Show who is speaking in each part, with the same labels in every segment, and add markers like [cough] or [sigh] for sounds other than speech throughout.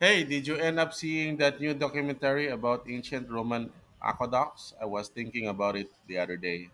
Speaker 1: Hey, did you end up seeing that new documentary about ancient Roman aqueducts? I was thinking about it the other day.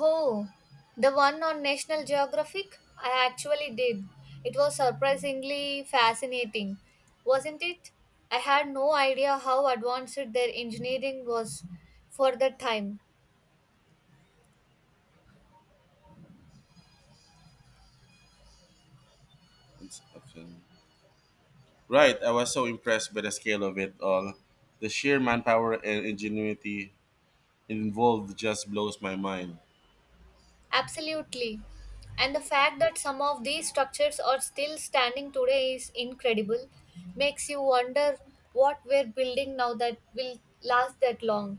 Speaker 2: Oh, the one on National Geographic? I actually did. It was surprisingly fascinating, wasn't it? I had no idea how advanced their engineering was for that time.
Speaker 1: It's- Right, I was so impressed by the scale of it all. The sheer manpower and ingenuity involved just blows my mind.
Speaker 2: Absolutely. And the fact that some of these structures are still standing today is incredible. Makes you wonder what we're building now that will last that long.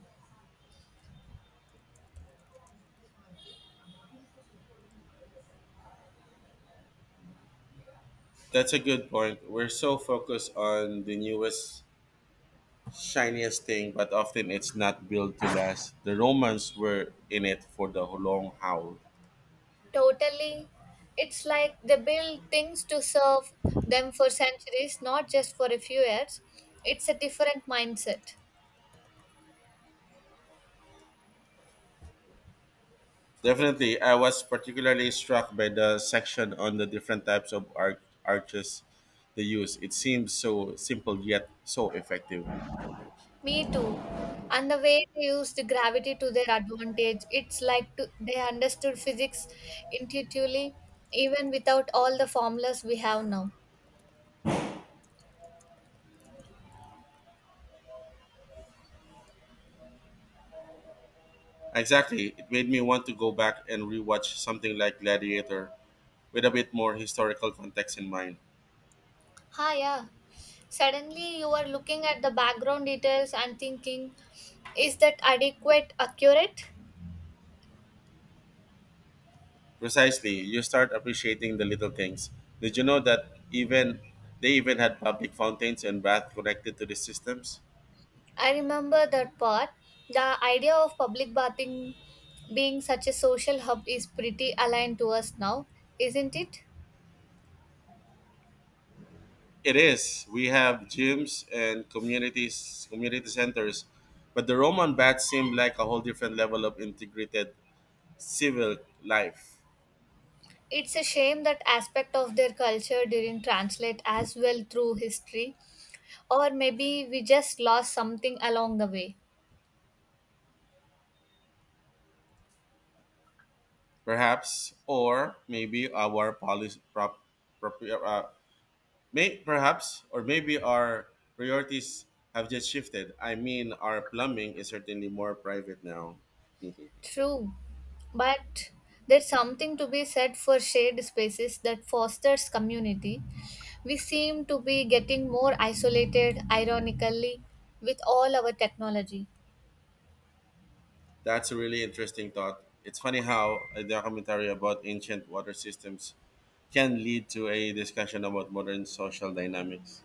Speaker 1: That's a good point. We're so focused on the newest, shiniest thing, but often it's not built to last. The Romans were in it for the long haul.
Speaker 2: Totally. It's like they build things to serve them for centuries, not just for a few years. It's a different mindset.
Speaker 1: Definitely, I was particularly struck by the section on the different types of arches they use. It seems so simple yet so effective.
Speaker 2: Me too. And the way they used gravity to their advantage, it's like to, they understood physics intuitively, even without all the formulas we have now.
Speaker 1: Exactly, it made me want to go back and rewatch something like Gladiator with a bit more historical context in mind.
Speaker 2: Ha, yeah. Suddenly, you are looking at the background details and thinking, is that adequate, accurate?
Speaker 1: Precisely, you start appreciating the little things. Did you know that even they even had public fountains and baths connected to the systems?
Speaker 2: I remember that part. The idea of public bathing being such a social hub is pretty aligned to us now, isn't it?
Speaker 1: It is. We have gyms and communities, community centers, but the Roman baths seem like a whole different level of integrated civil life.
Speaker 2: It's a shame that aspect of their culture didn't translate as well through history, or maybe we just lost something along the way.
Speaker 1: Perhaps, or maybe our policy, prop, uh, perhaps, or maybe our priorities have just shifted. I mean, our plumbing is certainly more private now. [laughs]
Speaker 2: True, but there's something to be said for shared spaces that fosters community. We seem to be getting more isolated, ironically, with all our technology.
Speaker 1: That's a really interesting thought. It's funny how a documentary about ancient water systems can lead to a discussion about modern social dynamics.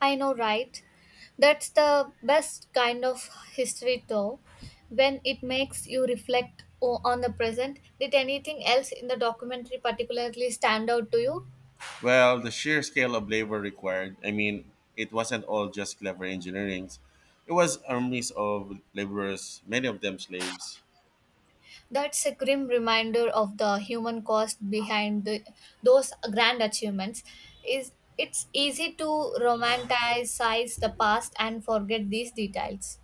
Speaker 2: I know, right? That's the best kind of history, though, when it makes you reflect on the present. Did anything else in the documentary particularly stand out to you?
Speaker 1: Well, the sheer scale of labor required, I mean, it wasn't all just clever engineering; it was armies of laborers, many of them slaves.
Speaker 2: That's a grim reminder of the human cost behind those grand achievements. Is it's easy to romanticize the past and forget these details.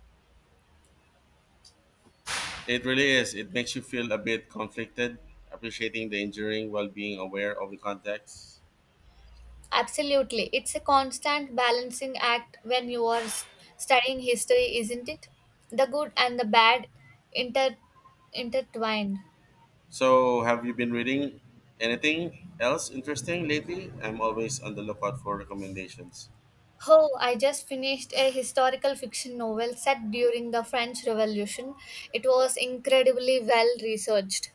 Speaker 1: It really is. It makes you feel a bit conflicted, appreciating the engineering while being aware of the context.
Speaker 2: Absolutely. It's a constant balancing act when you are studying history, isn't it? The good and the bad inter- intertwined.
Speaker 1: So, have you been reading anything else interesting lately? I'm always on the lookout for recommendations.
Speaker 2: Oh, I just finished a historical fiction novel set during the French Revolution. It was incredibly well researched.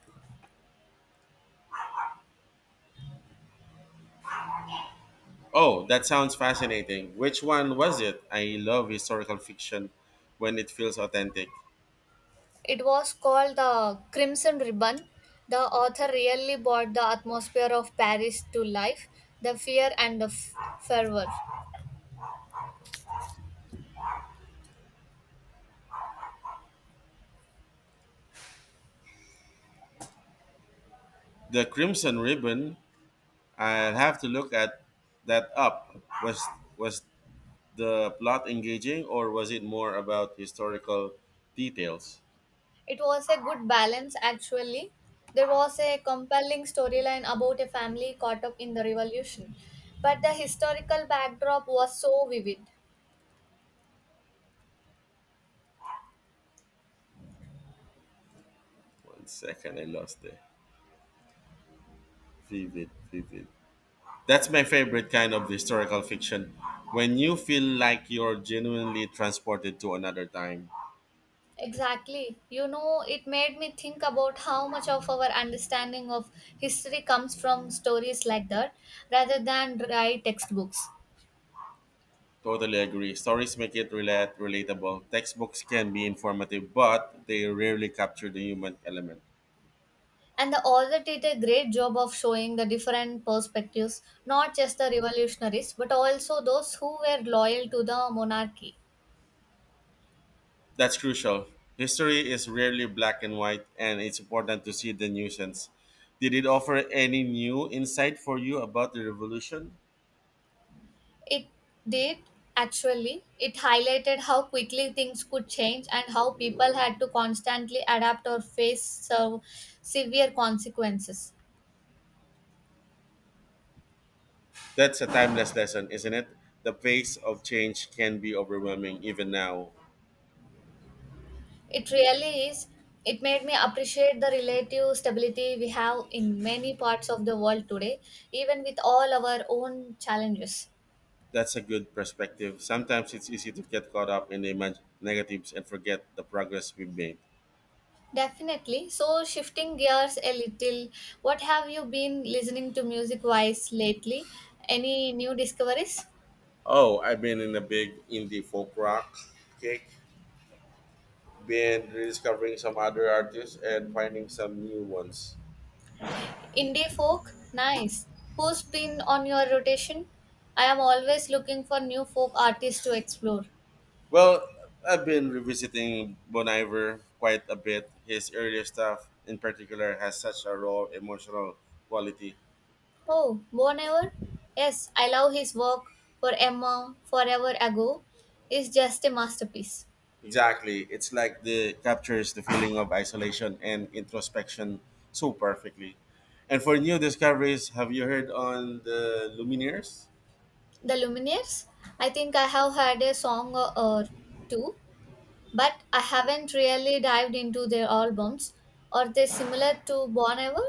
Speaker 1: Oh, that sounds fascinating. Which one was it? I love historical fiction when it feels authentic.
Speaker 2: It was called The Crimson Ribbon. The author really brought the atmosphere of Paris to life, the fear and the fervor.
Speaker 1: The Crimson Ribbon, I'll have to look at that up. Was was the plot engaging or was it more about historical details?
Speaker 2: It was a good balance, actually. There was a compelling storyline about a family caught up in the revolution, but the historical backdrop was so vivid.
Speaker 1: One second, I lost the vivid. That's my favorite kind of historical fiction. When you feel like you're genuinely transported to another time.
Speaker 2: Exactly. You know, it made me think about how much of our understanding of history comes from stories like that rather than dry textbooks.
Speaker 1: Totally agree. Stories make it relatable. Textbooks can be informative, but they rarely capture the human element.
Speaker 2: And the author did a great job of showing the different perspectives, not just the revolutionaries, but also those who were loyal to the monarchy.
Speaker 1: That's crucial. History is rarely black and white, and it's important to see the nuisance. Did it offer any new insight for you about the revolution?
Speaker 2: It did actually. It highlighted how quickly things could change and how people had to constantly adapt or face so severe consequences.
Speaker 1: That's a timeless lesson, isn't it? The pace of change can be overwhelming even now.
Speaker 2: It really is. It made me appreciate the relative stability we have in many parts of the world today, even with all our own challenges.
Speaker 1: That's a good perspective. Sometimes it's easy to get caught up in the negatives and forget the progress we've made.
Speaker 2: Definitely. So, shifting gears a little, what have you been listening to music wise lately? Any new discoveries?
Speaker 1: Oh, I've been in a big indie folk rock kick, been rediscovering some other artists and finding some new ones.
Speaker 2: Indie folk? Nice. Who's been on your rotation? I am always looking for new folk artists to explore.
Speaker 1: Well, I've been revisiting Bon Iver quite a bit. His earlier stuff, in particular, has such a raw emotional quality.
Speaker 2: Oh, Bon Iver? Yes, I love his work for Emma Forever Ago. Is just a masterpiece.
Speaker 1: Exactly, it's like the captures the feeling of isolation and introspection so perfectly. And for new discoveries, have you heard on the Lumineers?
Speaker 2: The Lumineers? I think I have heard a song or two, but I haven't really dived into their albums. Are they similar to Bon Iver?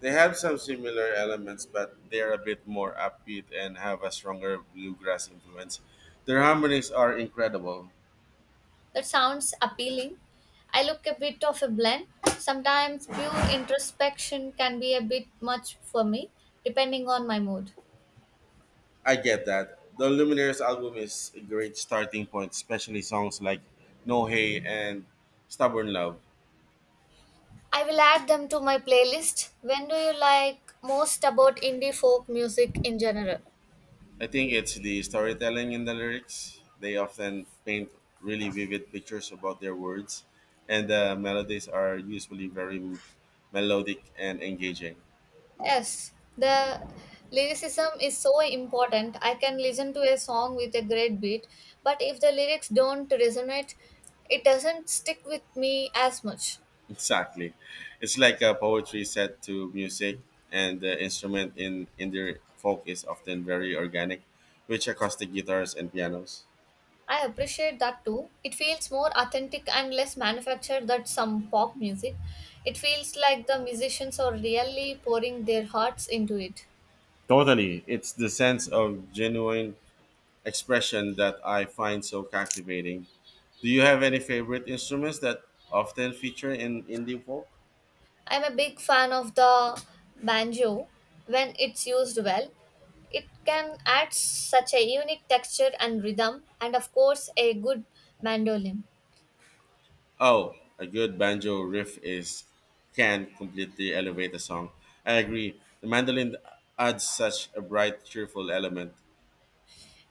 Speaker 1: They have some similar elements, but they're a bit more upbeat and have a stronger bluegrass influence. Their harmonies are incredible.
Speaker 2: That sounds appealing. I look a bit of a blend. Sometimes pure introspection can be a bit much for me, depending on my mood.
Speaker 1: I get that. The Lumineers album is a great starting point, especially songs like No Hay and Stubborn Love.
Speaker 2: I will add them to my playlist. When do you like most about indie folk music in general?
Speaker 1: I think it's the storytelling in the lyrics. They often paint really vivid pictures about their words, and the melodies are usually very melodic and engaging.
Speaker 2: Yes, the lyricism is so important. I can listen to a song with a great beat, but if the lyrics don't resonate, it doesn't stick with me as much.
Speaker 1: Exactly. It's like a poetry set to music, and the instrument in the folk is often very organic, which acoustic guitars and pianos.
Speaker 2: I appreciate that too. It feels more authentic and less manufactured than some pop music. It feels like the musicians are really pouring their hearts into it.
Speaker 1: Totally. It's the sense of genuine expression that I find so captivating. Do you have any favorite instruments that often feature in indie folk?
Speaker 2: I'm a big fan of the banjo when it's used well. It can add such a unique texture and rhythm, and of course, a good mandolin.
Speaker 1: Oh, a good banjo riff is can completely elevate a song. I agree. The mandolin adds such a bright, cheerful element.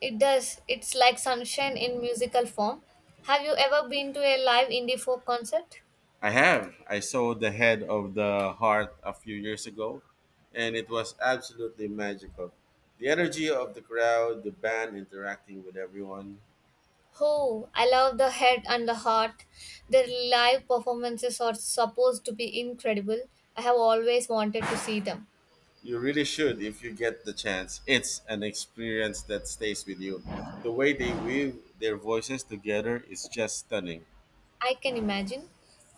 Speaker 2: It does, it's like sunshine in musical form. Have you ever been to a live indie folk concert?
Speaker 1: I have. I saw the head of the heart a few years ago, and it was absolutely magical. The energy of the crowd, the band interacting with everyone.
Speaker 2: Oh, I love the head and the heart. Their live performances are supposed to be incredible. I have always wanted to see them.
Speaker 1: You really should if you get the chance. It's an experience that stays with you. The way they weave their voices together is just stunning.
Speaker 2: I can imagine.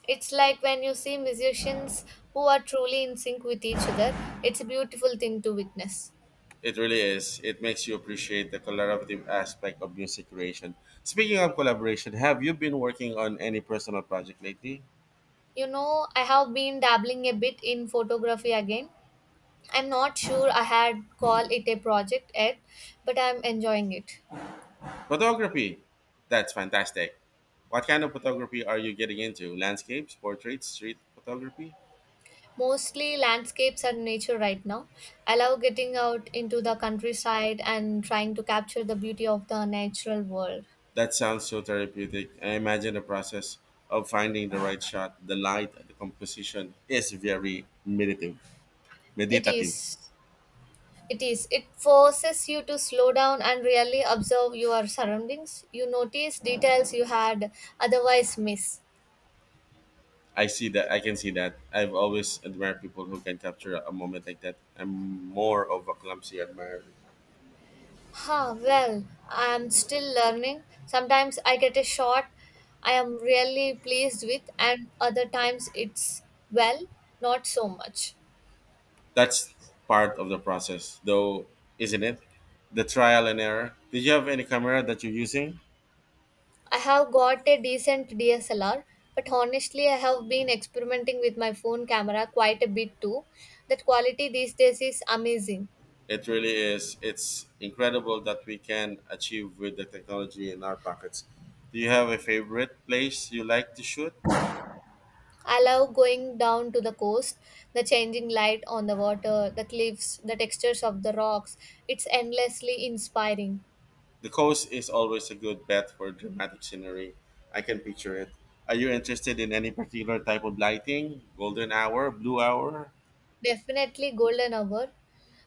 Speaker 2: It's like when you see musicians who are truly in sync with each other, it's a beautiful thing to witness.
Speaker 1: It really is. It makes you appreciate the collaborative aspect of music creation. Speaking of collaboration, have you been working on any personal project lately?
Speaker 2: You know, I have been dabbling a bit in photography again. I'm not sure I had called it a project yet, but I'm enjoying it.
Speaker 1: Photography. That's fantastic. What kind of photography are you getting into? Landscapes, portraits, street photography?
Speaker 2: Mostly landscapes and nature right now. I love getting out into the countryside and trying to capture the beauty of the natural world.
Speaker 1: That sounds so therapeutic. I imagine the process of finding the right shot, the light, the composition is very meditative.
Speaker 2: It
Speaker 1: Meditative.
Speaker 2: is. It is. It forces you to slow down and really observe your surroundings. You notice details you had otherwise miss.
Speaker 1: I see that. I can see that. I've always admired people who can capture a moment like that. I'm more of a clumsy admirer.
Speaker 2: Huh, well, I'm still learning. Sometimes I get a shot I am really pleased with, and other times it's, well, not so much.
Speaker 1: That's part of the process, though, isn't it? The trial and error. Did you have any camera that you're using?
Speaker 2: I have got a decent DSLR, but honestly, I have been experimenting with my phone camera quite a bit too. That quality these days is amazing.
Speaker 1: It really is. It's incredible that we can achieve with the technology in our pockets. Do you have a favorite place you like to shoot?
Speaker 2: I love going down to the coast, the changing light on the water, the cliffs, the textures of the rocks. It's endlessly inspiring.
Speaker 1: The coast is always a good bet for dramatic scenery. I can picture it. Are you interested in any particular type of lighting? Golden hour, blue hour?
Speaker 2: Definitely golden hour.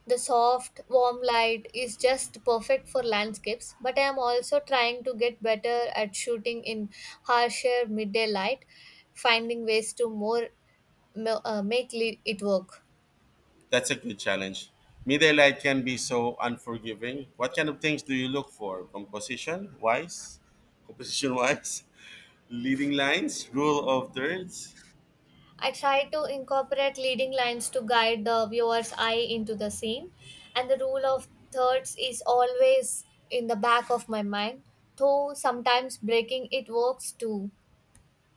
Speaker 2: The soft, warm light is just perfect for landscapes, but I am also trying to get better at shooting in harsher midday light, finding ways to more make it work.
Speaker 1: That's a good challenge. Midday light can be so unforgiving. What kind of things do you look for? Composition wise? Composition wise? [laughs] Leading lines? Rule of thirds?
Speaker 2: I try to incorporate leading lines to guide the viewer's eye into the scene, and the rule of thirds is always in the back of my mind, though sometimes breaking it works too.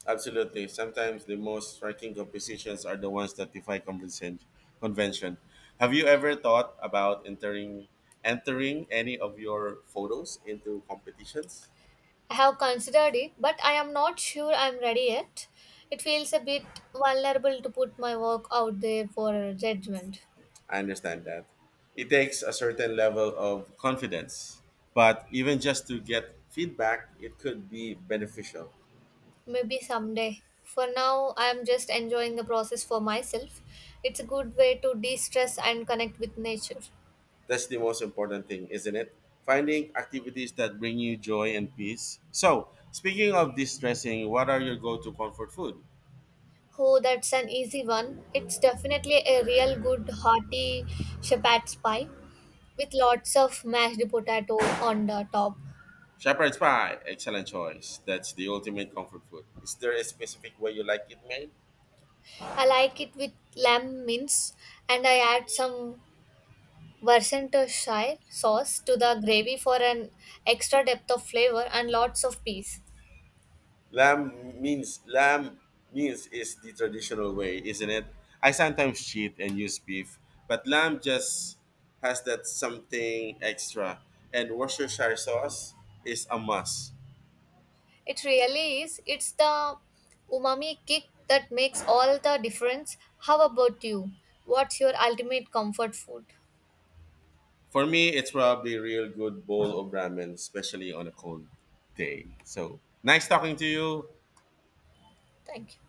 Speaker 1: Absolutely. Sometimes the most striking compositions are the ones that defy convention. Convention. Have you ever thought about entering any of your photos into competitions?
Speaker 2: I have considered it, but I am not sure I am ready yet. It feels a bit vulnerable to put my work out there for judgment.
Speaker 1: I understand that. It takes a certain level of confidence, but even just to get feedback, it could be beneficial.
Speaker 2: Maybe someday. For now, I am just enjoying the process for myself. It's a good way to de stress and connect with nature.
Speaker 1: That's the most important thing, isn't it? Finding activities that bring you joy and peace. So, speaking of distressing, what are your go-to comfort food?
Speaker 2: Oh, that's an easy one. It's definitely a real good hearty shepherd's pie with lots of mashed potato on the top.
Speaker 1: Shepherd's pie, excellent choice. That's the ultimate comfort food. Is there a specific way you like it made?
Speaker 2: I like it with lamb mince and I add some Worcestershire sauce to the gravy for an extra depth of flavor and lots of peas.
Speaker 1: Lamb lamb means is the traditional way, isn't it? I sometimes cheat and use beef, but lamb just has that something extra. And Worcestershire sauce is a must.
Speaker 2: It really is. It's the umami kick that makes all the difference. How about you? What's your ultimate comfort food?
Speaker 1: For me, it's probably a real good bowl of ramen, especially on a cold day. So nice talking to you.
Speaker 2: Thank you.